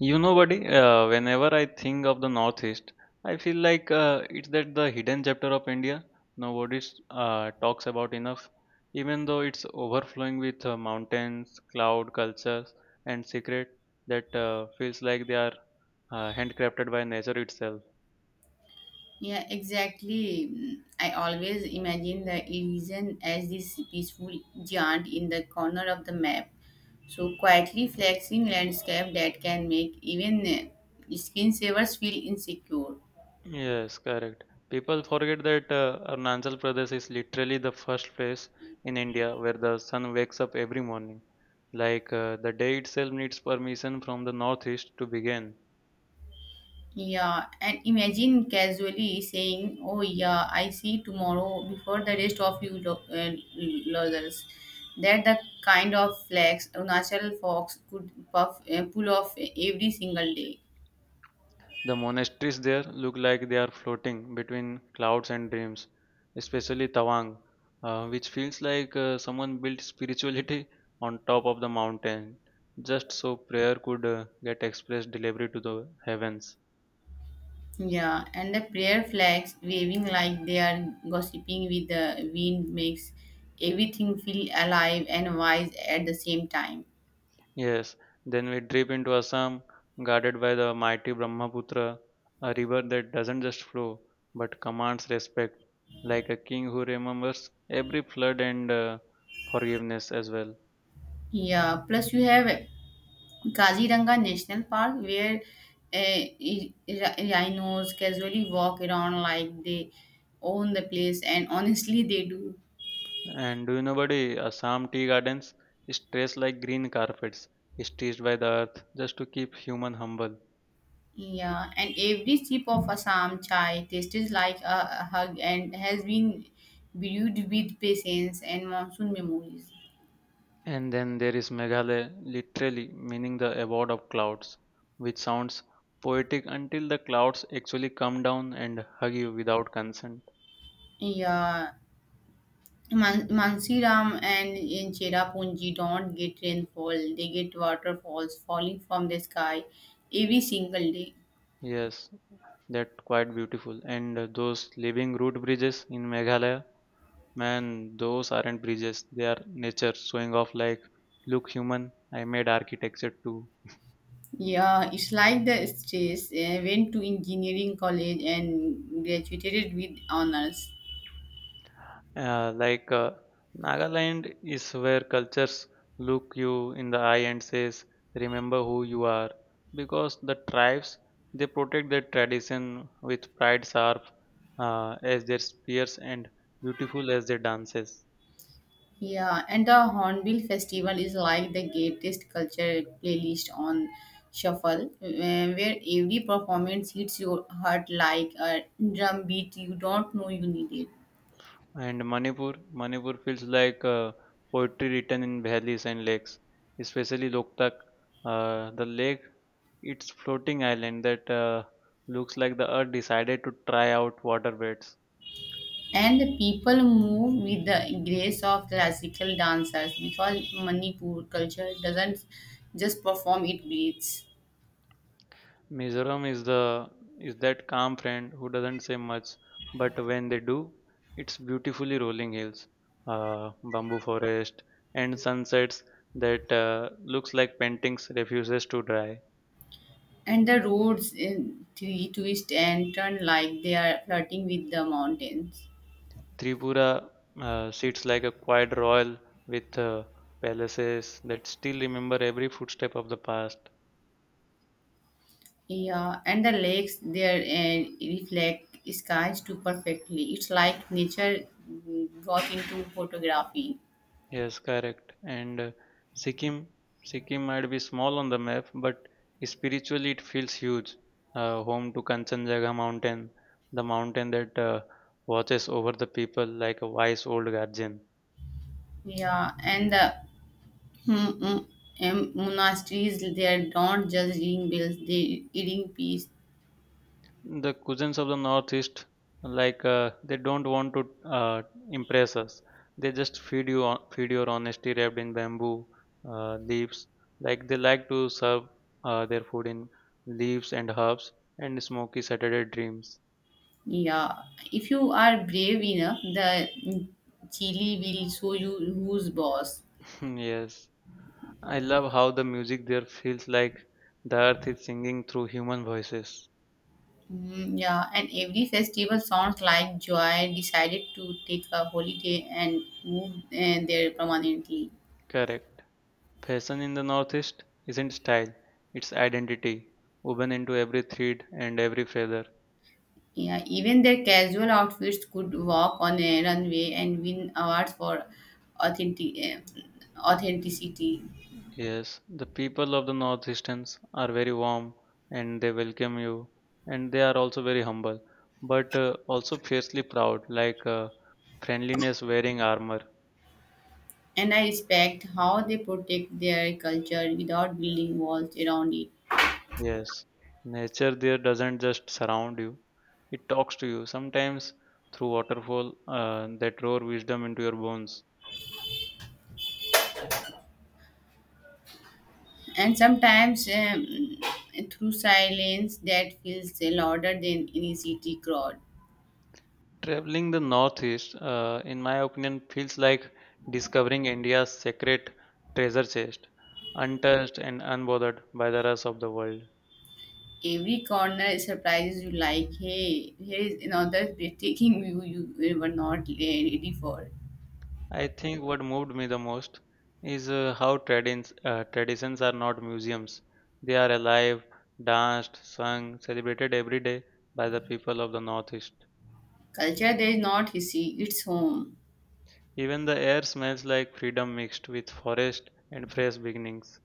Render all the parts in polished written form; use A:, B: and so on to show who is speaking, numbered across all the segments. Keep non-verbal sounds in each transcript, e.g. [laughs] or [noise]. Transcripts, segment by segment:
A: You know, buddy, whenever I think of the Northeast, I feel like it's that the hidden chapter of India nobody talks about enough, even though it's overflowing with mountains, cloud cultures, and secret that feels like they are handcrafted by nature itself.
B: Yeah, exactly. Mm, I always imagine the Elysian as this peaceful giant in the corner of the map. So quietly flexing landscape that can make even screensavers feel insecure.
A: Yes, correct. People forget that Arunachal Pradesh is literally the first place in India where the sun wakes up every morning. Like the day itself needs permission from the northeast to begin.
B: Yeah, and imagine casually saying, "Oh yeah, I see tomorrow before the rest of you losers." That the kind of flex Unachal Fox could pull off every single day.
A: The monasteries there look like they are floating between clouds and dreams, especially Tawang, which feels like someone built spirituality [laughs] on top of the mountain, just so prayer could get expressed delivery to the heavens.
B: Yeah, and the prayer flags waving like they are gossiping with the wind makes everything feel alive and wise at the same time.
A: Yes, then we drip into Assam, guarded by the mighty Brahmaputra, a river that doesn't just flow but commands respect, like a king who remembers every flood and forgiveness as well.
B: Yeah, plus you have Kaziranga National Park where rhinos casually walk around like they own the place, and [laughs] honestly, they do.
A: And do you know, buddy, Assam tea gardens is dressed like green carpets, stitched by the earth just to keep human humble.
B: Yeah, and every sip of Assam chai tastes like a hug and has been brewed with patience and monsoon memories.
A: And then there is Meghalaya, literally meaning the abode of clouds, which sounds poetic until the clouds actually come down and hug you without consent.
B: Yeah, Mansiram and in Cherrapunji don't get rainfall. They get waterfalls falling from the sky every single day.
A: Yes, that's quite beautiful. And those living root bridges in Meghalaya, man, those aren't bridges, they are nature showing off like, look, human, I made architecture too.
B: Yeah, it's like the stress. I went to engineering college and graduated with honors.
A: Like Nagaland is where cultures look you in the eye and says, "Remember who you are," because the tribes they protect their tradition with pride, sharp as their spears and beautiful as their dances.
B: Yeah, and the Hornbill Festival is like the greatest culture playlist on shuffle, where every performance hits your heart like a drum beat you don't know you need it.
A: And Manipur, Manipur feels like poetry written in valleys and lakes, especially Loktak, the lake. It's floating island that looks like the earth decided to try out waterbeds.
B: And the people move with the grace of classical dancers because Manipur culture doesn't just perform, it breathes.
A: Mizoram is that calm friend who doesn't say much, but when they do, it's beautifully rolling hills, bamboo forest, and sunsets that looks like paintings refuses to dry.
B: And the roads in, twist and turn like they are flirting with the mountains.
A: Tripura sits like a quiet royal with palaces that still remember every footstep of the past.
B: Yeah, and the lakes there reflect skies too perfectly. It's like nature got into photography.
A: Yes, correct. And Sikkim, Sikkim might be small on the map, but spiritually it feels huge. Home to Kanchenjunga mountain, the mountain that watches over the people like a wise old guardian.
B: Yeah, and the mm, mm, monasteries there don't just ring bells, they ring peace.
A: The cousins of the northeast, like they don't want to impress us. They just feed your honesty wrapped in bamboo leaves. Like they like to serve their food in leaves and herbs and smoky Saturday dreams.
B: Yeah, if you are brave enough, the Chile will show you who's boss.
A: [laughs] Hmm. Yes, I love how the music there feels like the earth is singing through human voices.
B: Mm, yeah, and every festival sounds like Joy decided to take a holiday and move there permanently.
A: Correct. Fashion in the Northeast isn't style, it's identity, woven into every thread and every feather.
B: Yeah, even their casual outfits could walk on a runway and win awards for authentic, uh, authenticity.
A: Yes, the people of the Northeasterns are very warm and they welcome you, and they are also very humble, but also fiercely proud, like friendliness wearing armor.
B: And I respect how they protect their culture without building walls around it.
A: Yes, nature there doesn't just surround you, it talks to you, sometimes through waterfall that roar wisdom into your bones.
B: And sometimes through silence that feels louder than any city crowd.
A: Traveling the northeast, in my opinion, feels like discovering India's sacred treasure chest, untouched and unbothered by the rush of the world.
B: Every corner surprises you like, hey, here is another breathtaking view you were not ready for.
A: I think what moved me the most is how tradins traditions are not museums. They are alive, danced, sung, celebrated every day by the people of the northeast.
B: Culture there is not hissy, it's home.
A: Even the air smells like freedom mixed with forest and fresh beginnings.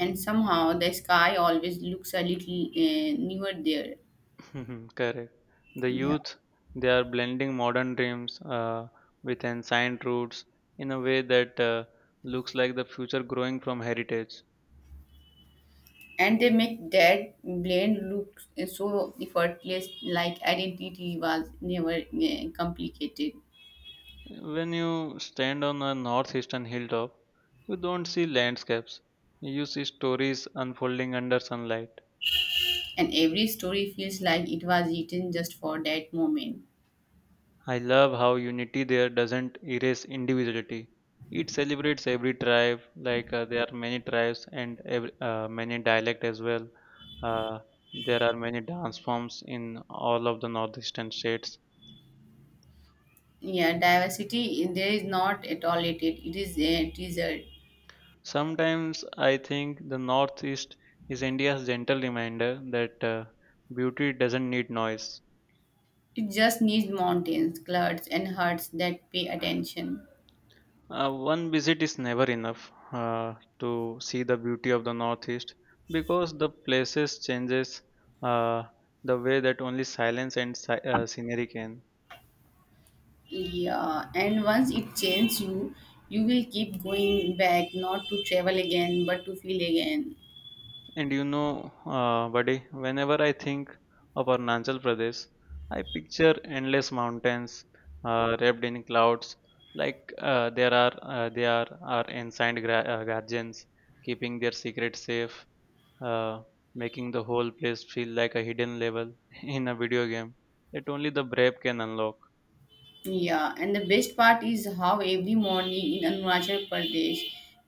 B: And somehow the sky always looks a little newer there.
A: [laughs] Correct. The
B: Yeah.
A: youth, they are blending modern dreams with ancient roots in a way that looks like the future growing from heritage.
B: And they make that blend look so effortless, like identity was never complicated.
A: When you stand on a northeastern hilltop, you don't see landscapes. You see stories unfolding under sunlight.
B: And every story feels like it was written just for that moment.
A: I love how unity there doesn't erase individuality. It celebrates every tribe, like there are many tribes and every, many dialect as well. Uh, there are many dance forms in all of the northeastern states.
B: Yeah, diversity in there is not at all it. It is a desert.
A: Sometimes I think the northeast is India's gentle reminder that beauty doesn't need noise.
B: It just needs mountains, clouds, and hearts that pay attention.
A: One visit is never enough to see the beauty of the Northeast because the places changes uh, the way that only silence and scenery can.
B: Yeah, and once it changes you, you will keep going back, not to travel again, but to feel again.
A: And you know, buddy, whenever I think of Arunachal Pradesh, I picture endless mountains wrapped in clouds, like there are they are our ancient guardians keeping their secret safe. uh, making the whole place feel like a hidden level [laughs] in a video game that only the brave can unlock.
B: Yeah, and the best part is how every morning in Arunachal Pradesh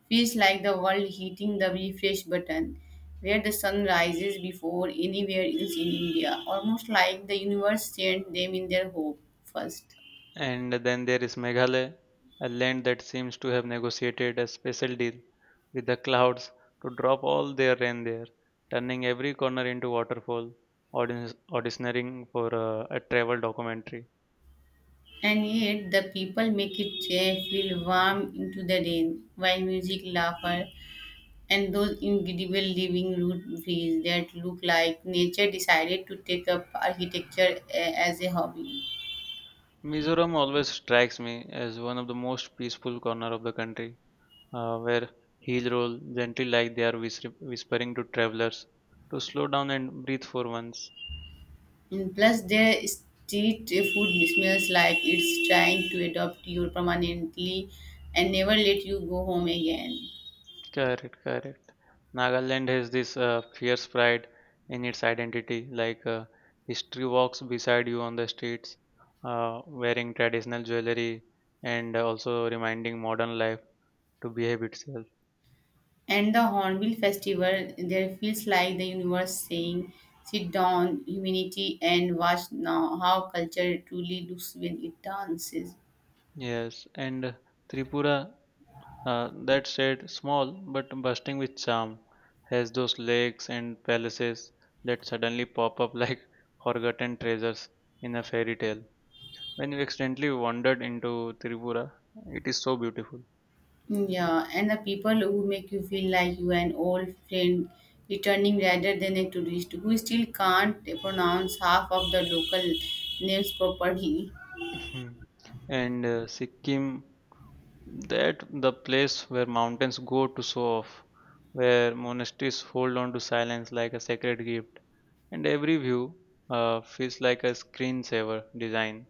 B: feels like the world hitting the refresh button, where the sun rises before anywhere else in India, almost like the universe sent them in their hope first.
A: And then there is Meghalaya, a land that seems to have negotiated a special deal with the clouds to drop all their rain there, turning every corner into waterfall, auditioning for a travel documentary.
B: And yet, the people make it feel warm into the rain, while music, laughter, and those incredible living root trees that look like nature decided to take up architecture as a hobby.
A: Mizoram always strikes me as one of the most peaceful corner of the country where heels roll gently like they are whispering to travelers to slow down and breathe for once.
B: And plus, their street food smells like it's trying to adopt you permanently and never let you go home again.
A: Correct, correct. Nagaland has this fierce pride in its identity, like history walks beside you on the streets, wearing traditional jewelry and also reminding modern life to behave itself.
B: And the Hornbill Festival, there feels like the universe saying, sit down, humanity, and watch now how culture truly looks when it dances.
A: Yes, and Tripura, that said, small but bursting with charm, has those lakes and palaces that suddenly pop up [laughs] like forgotten treasures in a fairy tale. When you accidentally wandered into Tripura, it is so beautiful.
B: Yeah, and the people who make you feel like you are an old friend returning rather than a tourist who still can't pronounce half of the local names properly.
A: Hmm. And Sikkim, that the place where mountains go to show off, where monasteries hold on to silence like a sacred gift, and every view feels like a screensaver design.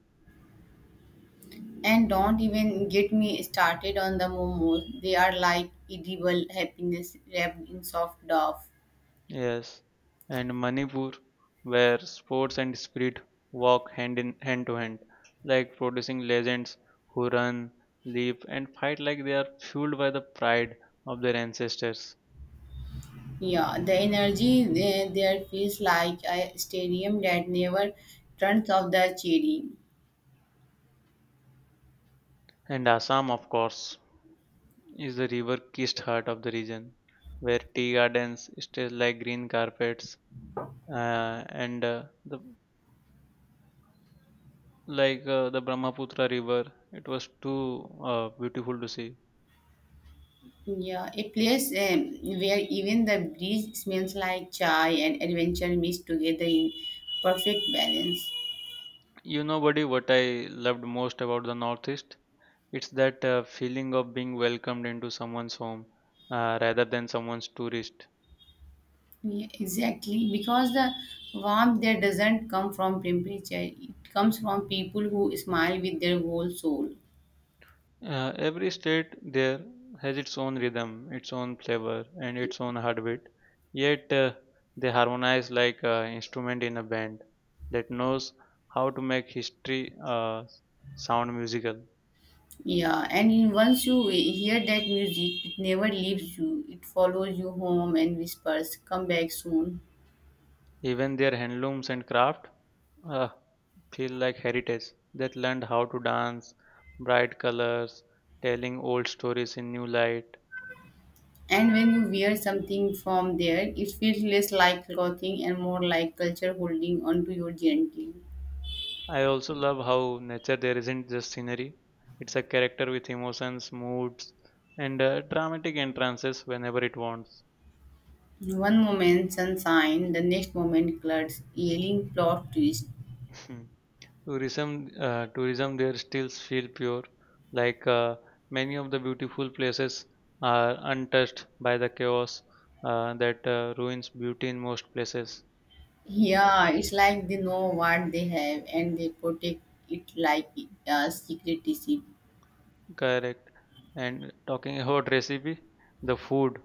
B: And don't even get me started on the momos. They are like edible happiness wrapped in soft dough.
A: Yes, and Manipur, where sports and spirit walk hand in hand to hand, like producing legends who run, leap, and fight like they are fueled by the pride of their ancestors.
B: Yeah, the energy there feels like a stadium that never turns off the cherry.
A: And Assam, of course, is the river-kissed heart of the region, where tea gardens stretch like green carpets, and the like the Brahmaputra River. It was too beautiful to see.
B: Yeah, a place where even the breeze smells like chai and adventure mixed together in perfect balance.
A: You know, buddy, what I loved most about the Northeast? It's that feeling of being welcomed into someone's home rather than someone's tourist.
B: Yeah, exactly, because the warmth there doesn't come from temperature, it comes from people who smile with their whole soul.
A: Every state there has its own rhythm, its own flavor, and its own heartbeat. Yet they harmonize like an instrument in a band that knows how to make history sound musical.
B: Yeah, and once you hear that music, it never leaves you. It follows you home and whispers, "Come back soon."
A: Even their handlooms and craft uh, feel like heritage that learned how to dance, bright colors, telling old stories in new light.
B: And when you wear something from there, it feels less like clothing and more like culture holding onto you gently.
A: I also love how nature there isn't just scenery. It's a character with emotions, moods, and dramatic entrances whenever it wants.
B: One moment sunshine, the next moment clouds, yelling plot twist.
A: Hmm. Tourism, tourism there still feel pure, like many of the beautiful places are untouched by the chaos that ruins beauty in most places.
B: Yeah, it's like they know what they have and they protect it like a secret receipt.
A: Correct. And talking about recipe, the food,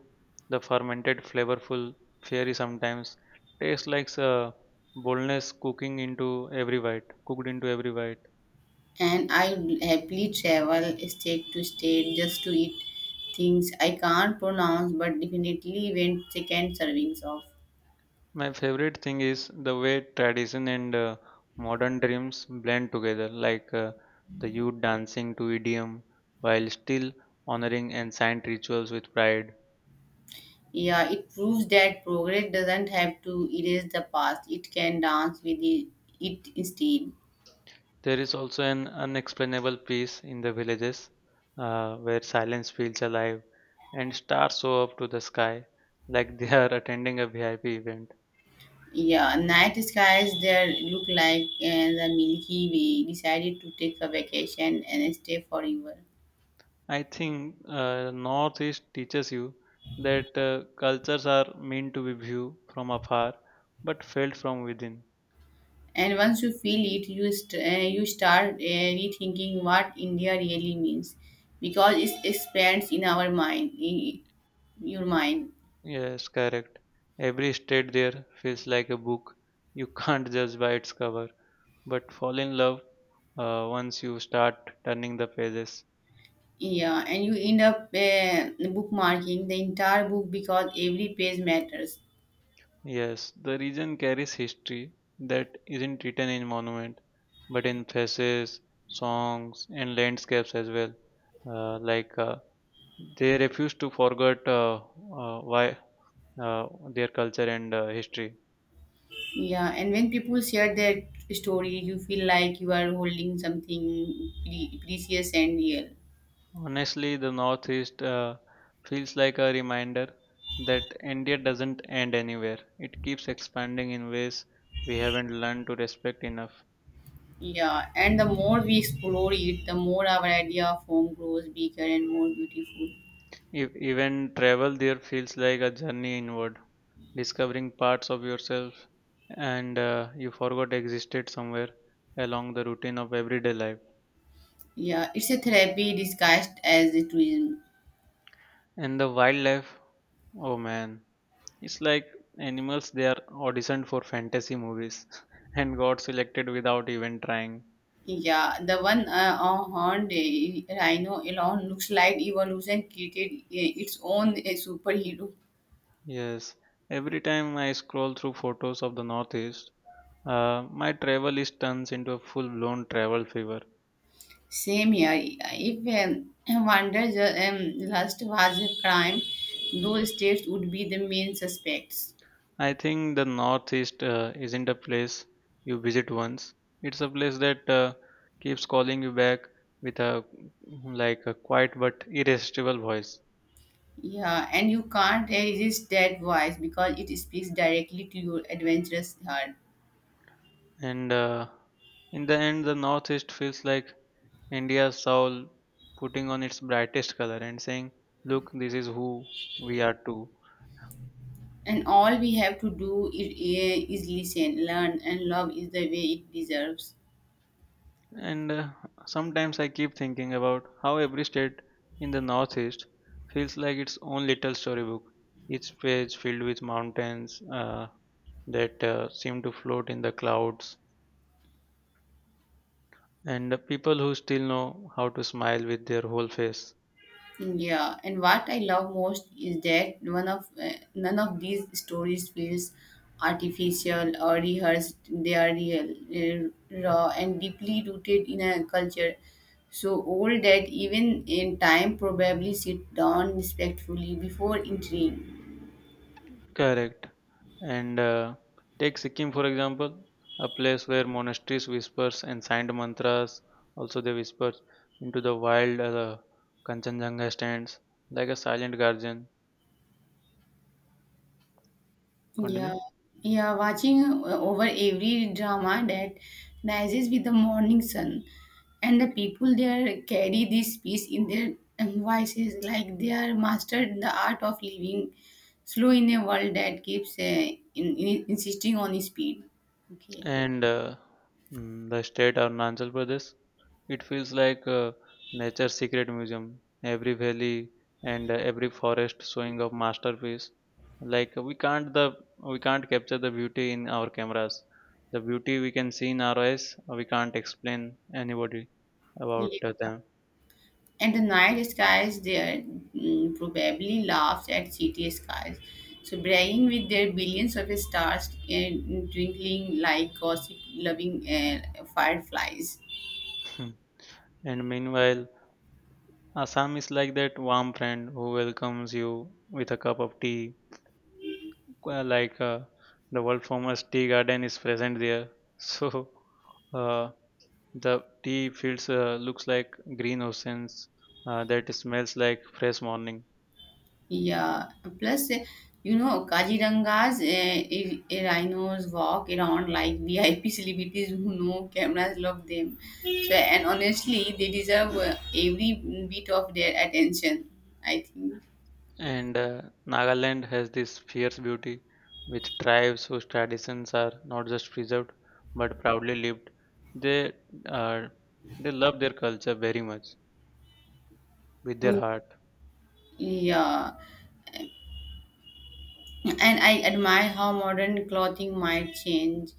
A: the fermented flavorful fairy sometimes tastes like a boldness cooking into every bite, cooked into every bite.
B: And I would happily travel state to state just to eat things I can't pronounce but definitely went second servings of.
A: My favorite thing is the way tradition and modern dreams blend together, like the youth dancing to idiom while still honoring ancient rituals with pride.
B: Yeah, it proves that progress doesn't have to erase the past, it can dance with it, it instead.
A: There is also an unexplainable peace in the villages where silence feels alive and stars show up to the sky like they are [laughs] attending a VIP event.
B: Yeah, night skies there look like the Milky Way decided to take a vacation and stay forever.
A: I think Northeast teaches you that cultures are meant to be viewed from afar but felt from within.
B: And once you feel it, you you start rethinking what India really means because it expands in our mind in your mind.
A: Yes, correct. Every state there feels like a book. You [laughs] can't judge by its cover, but fall in love once you start turning the pages.
B: Yeah, and you end up bookmarking the entire book because every page matters.
A: Yes, the region carries history that isn't written in monument, but in faces, songs, and landscapes as well. Like they refuse to forget why uh, their culture and history.
B: Yeah, and when people share their story, you feel like you are holding something precious and real.
A: Honestly, the Northeast feels like a reminder that India doesn't end anywhere. It keeps expanding in ways we haven't learned to respect enough.
B: Yeah, and the more we explore it, the more our idea of home grows bigger and more beautiful.
A: Even travel there feels like a journey inward, discovering parts of yourself and you forgot existed somewhere along the routine of everyday life.
B: Yeah, it's a therapy disguised as a tourism.
A: And the wildlife, oh man, it's like animals they are auditioned for fantasy movies [laughs] and got selected without even trying.
B: Yeah, the one on horned rhino alone looks like evolution created its own superhero.
A: Yes, every time I scroll through photos of the Northeast, my travel list turns into a full blown travel fever.
B: Same here. If [clears throat] Wander's lust was a crime, those states would be the main suspects.
A: I think the Northeast isn't a place you visit once. It's a place that keeps calling you back with a like a quiet but irresistible voice.
B: Yeah, and you can't resist that voice because it speaks directly to your adventurous heart.
A: And in the end, the Northeast feels like India's soul putting on its brightest color and saying, "Look, this is who we are too."
B: And all we have to do is listen, learn, and love is the way it deserves.
A: And sometimes I keep thinking about how every state in the Northeast feels like its own little storybook, each page filled with mountains that seem to float in the clouds, and the people who still know how to smile with their whole face.
B: Yeah, and what I love most is that one of none of these stories feels artificial or rehearsed. They are real, raw, and deeply rooted in a culture so old that even in time probably sit down respectfully before entering.
A: Correct. And take Sikkim for example, a place where monasteries whispers and signed mantras also they whisper into the wild Kanchenjunga stands like a silent guardian. Continue.
B: Yeah, yeah, watching over every drama that rises with the morning sun, and the people there carry this peace in their voices, like they are mastered the art of living slow in a world that keeps insisting on speed. Okay.
A: And uh, the state Arunachal Pradesh, it feels like nature's secret museum. Every valley and every forest showing a masterpiece. Like we can't capture the beauty in our cameras. The beauty we can see in our eyes, we can't explain anybody about
B: Yeah.
A: them.
B: And the night skies there probably laughed at city skies, so bragging with their billions of stars and twinkling like gossip-loving fireflies.
A: [laughs] And meanwhile, Assam is like that warm friend who welcomes you with a cup of tea uh, like uh, the world famous tea garden is present there. [laughs] so uh, the tea fields looks like green oceans that smells like fresh morning.
B: Yeah. Plus, you know, Kajiranga's rhinos walk around like VIP [laughs] celebrities who know cameras love them. So, and honestly, they deserve every bit of their attention, I think.
A: And Nagaland has this fierce beauty with tribes whose traditions are not just preserved but proudly lived. They uh, they love their culture very much with their
B: Mm.
A: heart.
B: Yeah. And I admire how modern clothing might change,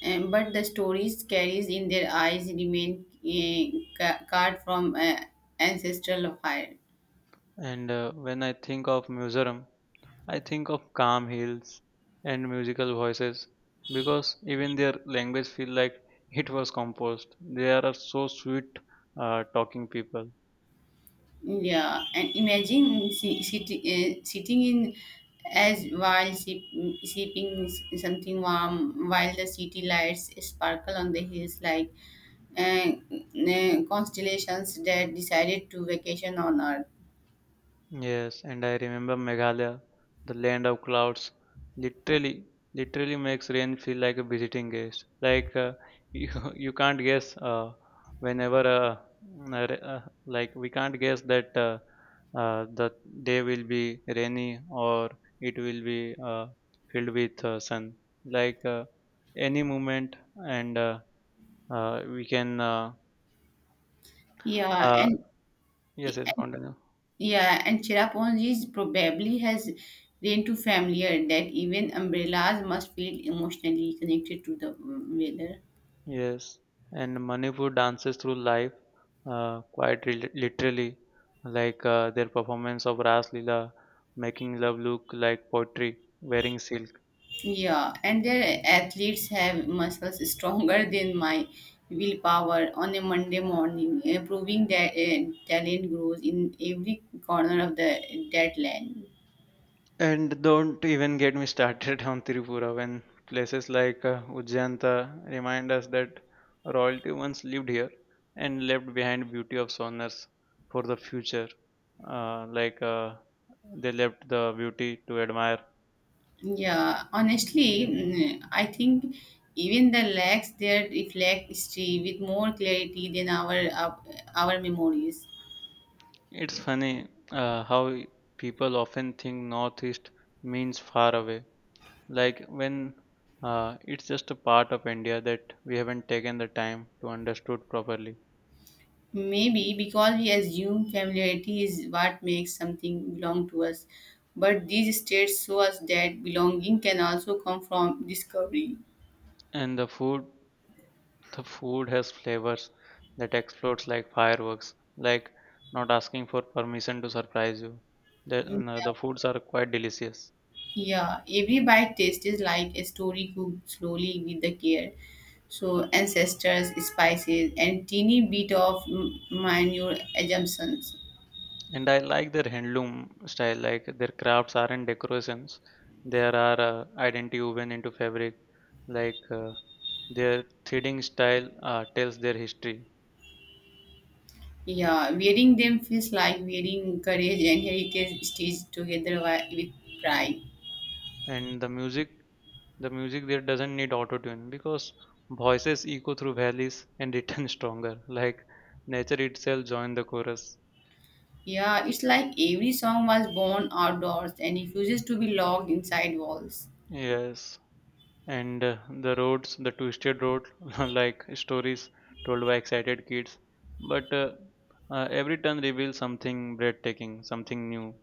B: but the stories carries in their eyes remain carved from ancestral fire.
A: And When I think of Mizoram, I think of calm hills and musical voices, because even their language feel like it was composed. They are so sweet talking people.
B: Yeah, and imagine sitting in as while sipping something warm, while the city lights sparkle on the hills like constellations that decided to vacation on Earth.
A: Yes, and I remember Meghalaya, the land of clouds. Literally, literally makes rain feel like a visiting guest. [laughs] You, you can't guess whenever uh, mm, uh, like we can't guess that the day will be rainy or it will be filled with sun. Like any moment, and we can
B: Yeah,
A: uh,
B: and
A: yes, yes, continue.
B: Yeah, and Cherrapunzi's probably has grown too familiar that even umbrellas must feel emotionally connected to the weather.
A: Yes, and Manipur dances through life, literally, like their performance of Ras Leela, making love look like poetry, wearing silk.
B: Yeah, and their athletes have muscles stronger than my willpower on a Monday morning, proving that talent grows in every corner of the that land.
A: And don't even get me started [laughs] on Tripura, when places like Ujjayanta remind us that royalty once lived here and left behind beauty of sonars for the future. Uh, like uh, they left the beauty to admire.
B: Yeah, honestly, I think even the lacks there reflect history with more clarity than our memories.
A: It's funny how people often think Northeast means far away, like when it's just a part of India that we haven't taken the time to understood properly.
B: Maybe because we assume familiarity is what makes something belong to us. But these states show us that belonging can also come from discovery.
A: And the food, the food has flavors that explodes like fireworks, like not asking for permission to surprise you. The,
B: Mm,
A: no, the foods are quite delicious.
B: yeah, every bite taste is like a story cooked slowly with the care. So, ancestors, spices, and teeny bit of minor assumptions.
A: And I like their handloom style, like their crafts aren't decorations. There are identity woven into fabric, like their threading style tells their history.
B: Yeah, wearing them feels like wearing courage and heritage stitched together with pride.
A: And the music, the music there doesn't need auto tune because voices echo through valleys and return [laughs] stronger, like nature itself joined the chorus.
B: Yeah, it's like every song was born outdoors and refuses to be locked inside walls.
A: Yes. The twisted road, [laughs] like stories told by excited kids. But every turn reveals something breathtaking, something new.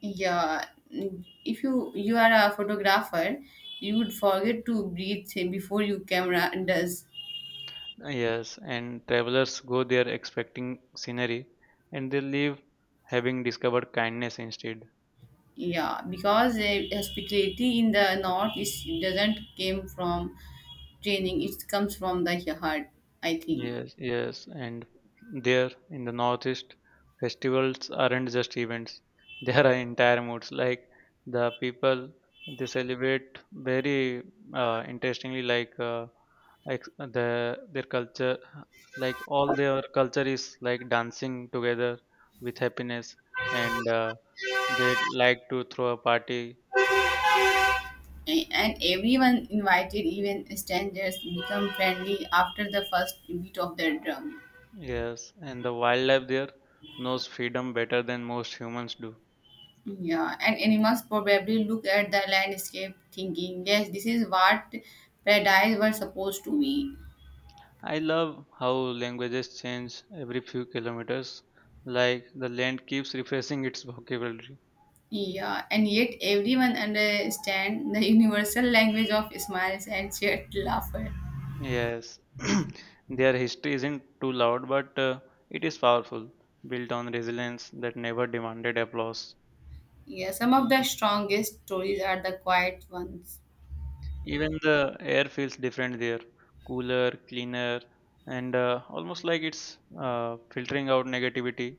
B: Yeah, if you are a photographer, you would forget to breathe say, before your camera does.
A: Yes, and travelers go there expecting scenery, and they leave having discovered kindness instead.
B: Yeah, because hospitality in the north is doesn't came from training; it comes from the heart, I think.
A: Yes, yes, and there in the northeast, festivals aren't just events; [laughs] they are entire moods. Like the people, they celebrate very interestingly, like their culture, like all their culture is like dancing together with happiness, and they like to throw a party.
B: A- And everyone invited, even strangers, become friendly after the first beat of their drum.
A: Yes, and the wildlife there knows freedom better than most humans do.
B: Yeah, and animals probably look at the landscape thinking, yes, this is what paradise was supposed to be.
A: I love how languages change every few kilometers, like the land keeps refreshing its vocabulary.
B: Yeah, and yet everyone understands the universal language of smiles and shared laughter.
A: Yes, [clears throat] their history isn't too loud, but it is powerful, built on resilience that never demanded applause.
B: Yeah, some of the strongest stories are the quiet ones.
A: Even the air feels different there, cooler, cleaner, and almost like it's filtering out negativity.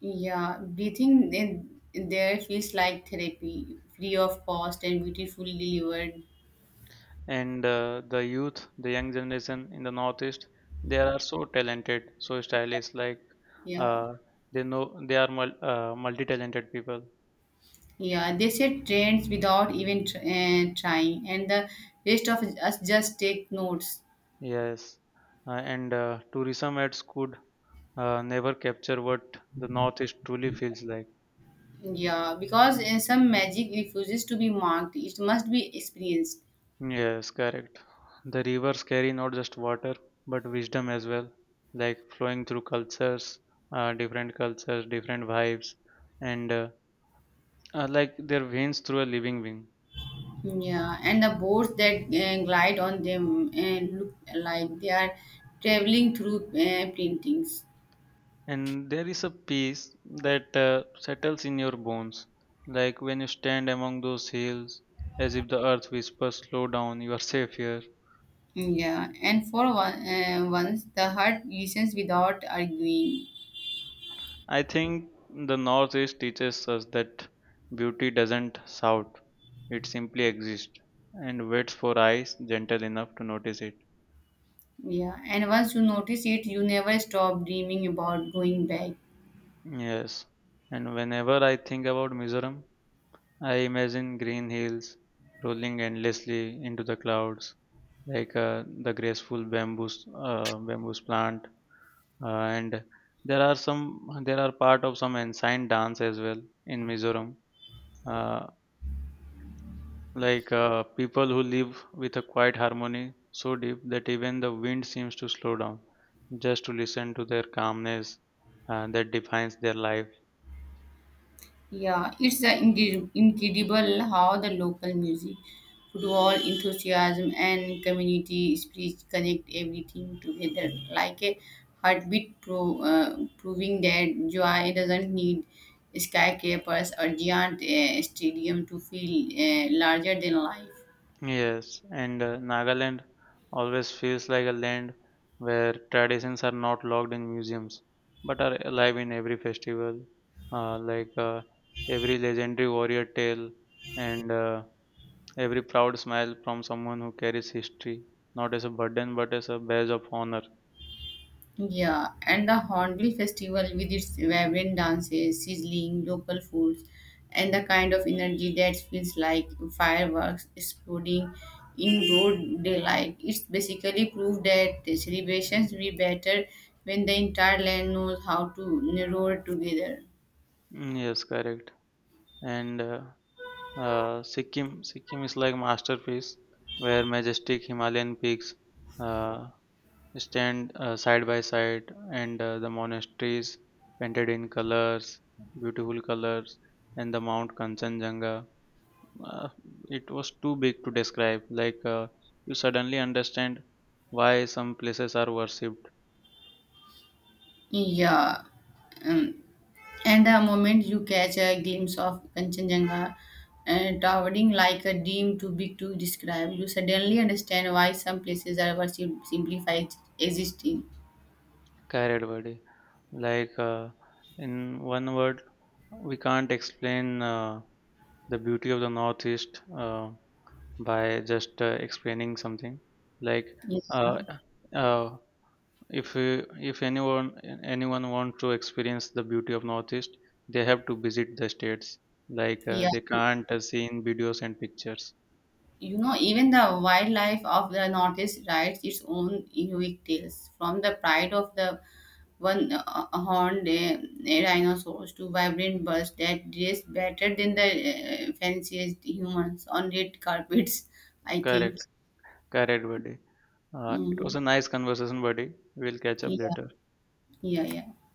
B: Yeah, breathing in there feels like therapy, free of cost and beautifully delivered.
A: And the youth The young generation in the northeast, they are so talented, so stylish, like
B: Yeah.
A: uh, they know they are multi-talented people.
B: Yeah, they set trends without even trying, and the rest of us just take notes.
A: Yes. And Tourism ads could never capture what the northeast truly feels like.
B: Yeah, because some magic refuses to be marked, it must be experienced.
A: Yes, correct. The rivers carry not just water but wisdom as well, like flowing through cultures, different cultures, different vibes, and like their veins through a living being.
B: Yeah, and the boats that glide on them look like they are traveling through paintings.
A: And there is a peace that settles in your bones, like when you stand among those hills, as if the earth whispers, "Slow down, you are safe here."
B: Yeah, and for one, once the heart listens without arguing.
A: I think the Northeast teaches us that beauty doesn't shout, it simply exists and waits for eyes gentle enough to notice it.
B: Yeah, and once you notice it, you never stop dreaming about going back.
A: Yes, and whenever I think about Mizoram, I imagine green hills rolling endlessly into the clouds, like the graceful bamboos plant, and there are some there are part of some ancient dance as well in mizoram. uh, People who live with a quiet harmony so deep that even the wind seems to slow down just to listen to their calmness that defines their life.
B: Yeah, it's incredible how the local music, football enthusiasm, and community spirit connect everything together like a heartbeat, proving that joy doesn't need skyscrapers or giant stadium to feel larger than life.
A: Yes, and Nagaland always feels like a land where traditions are not locked in museums but are alive in every festival, uh, like uh, every legendary warrior tale, and every proud smile from someone who carries history, not as a burden but as a badge of honor.
B: Yeah, and the Hornbill Festival with its vibrant dances, sizzling local foods, and the kind of energy that feels like fireworks exploding in broad daylight. It's basically proof that the celebrations will be better when the entire land knows how to roar together.
A: Mm. Yes, correct. And uh, Sikkim is like masterpiece where majestic Himalayan peaks Uh, stand side by side, and the monasteries painted in colors, beautiful colors. And the mount kanchenjunga, uh, it was too big to describe. Like you suddenly understand why some places are worshipped.
B: Yeah. Um, and the moment you catch a glimpse of Kanchenjunga and towering like a dream too big to describe, you suddenly understand why some places are worshipped simply by existing.
A: Kairad, like in one word we can't explain the beauty of the northeast by just explaining something. like
B: Yeah.
A: uh, uh, if uh, if anyone want to experience the beauty of northeast, they have to visit the states. Like
B: Yeah.
A: they can't see in videos and pictures.
B: You know, even the wildlife of the Northeast rides its own unique tales, from the pride of the one horned dinosaurs to vibrant birds that dress better than the fanciest humans on red carpets, I think.
A: Correct. Correct, buddy. It was
B: Mm,
A: a nice conversation, buddy. We'll catch up
B: yeah,
A: later.
B: yeah, yeah.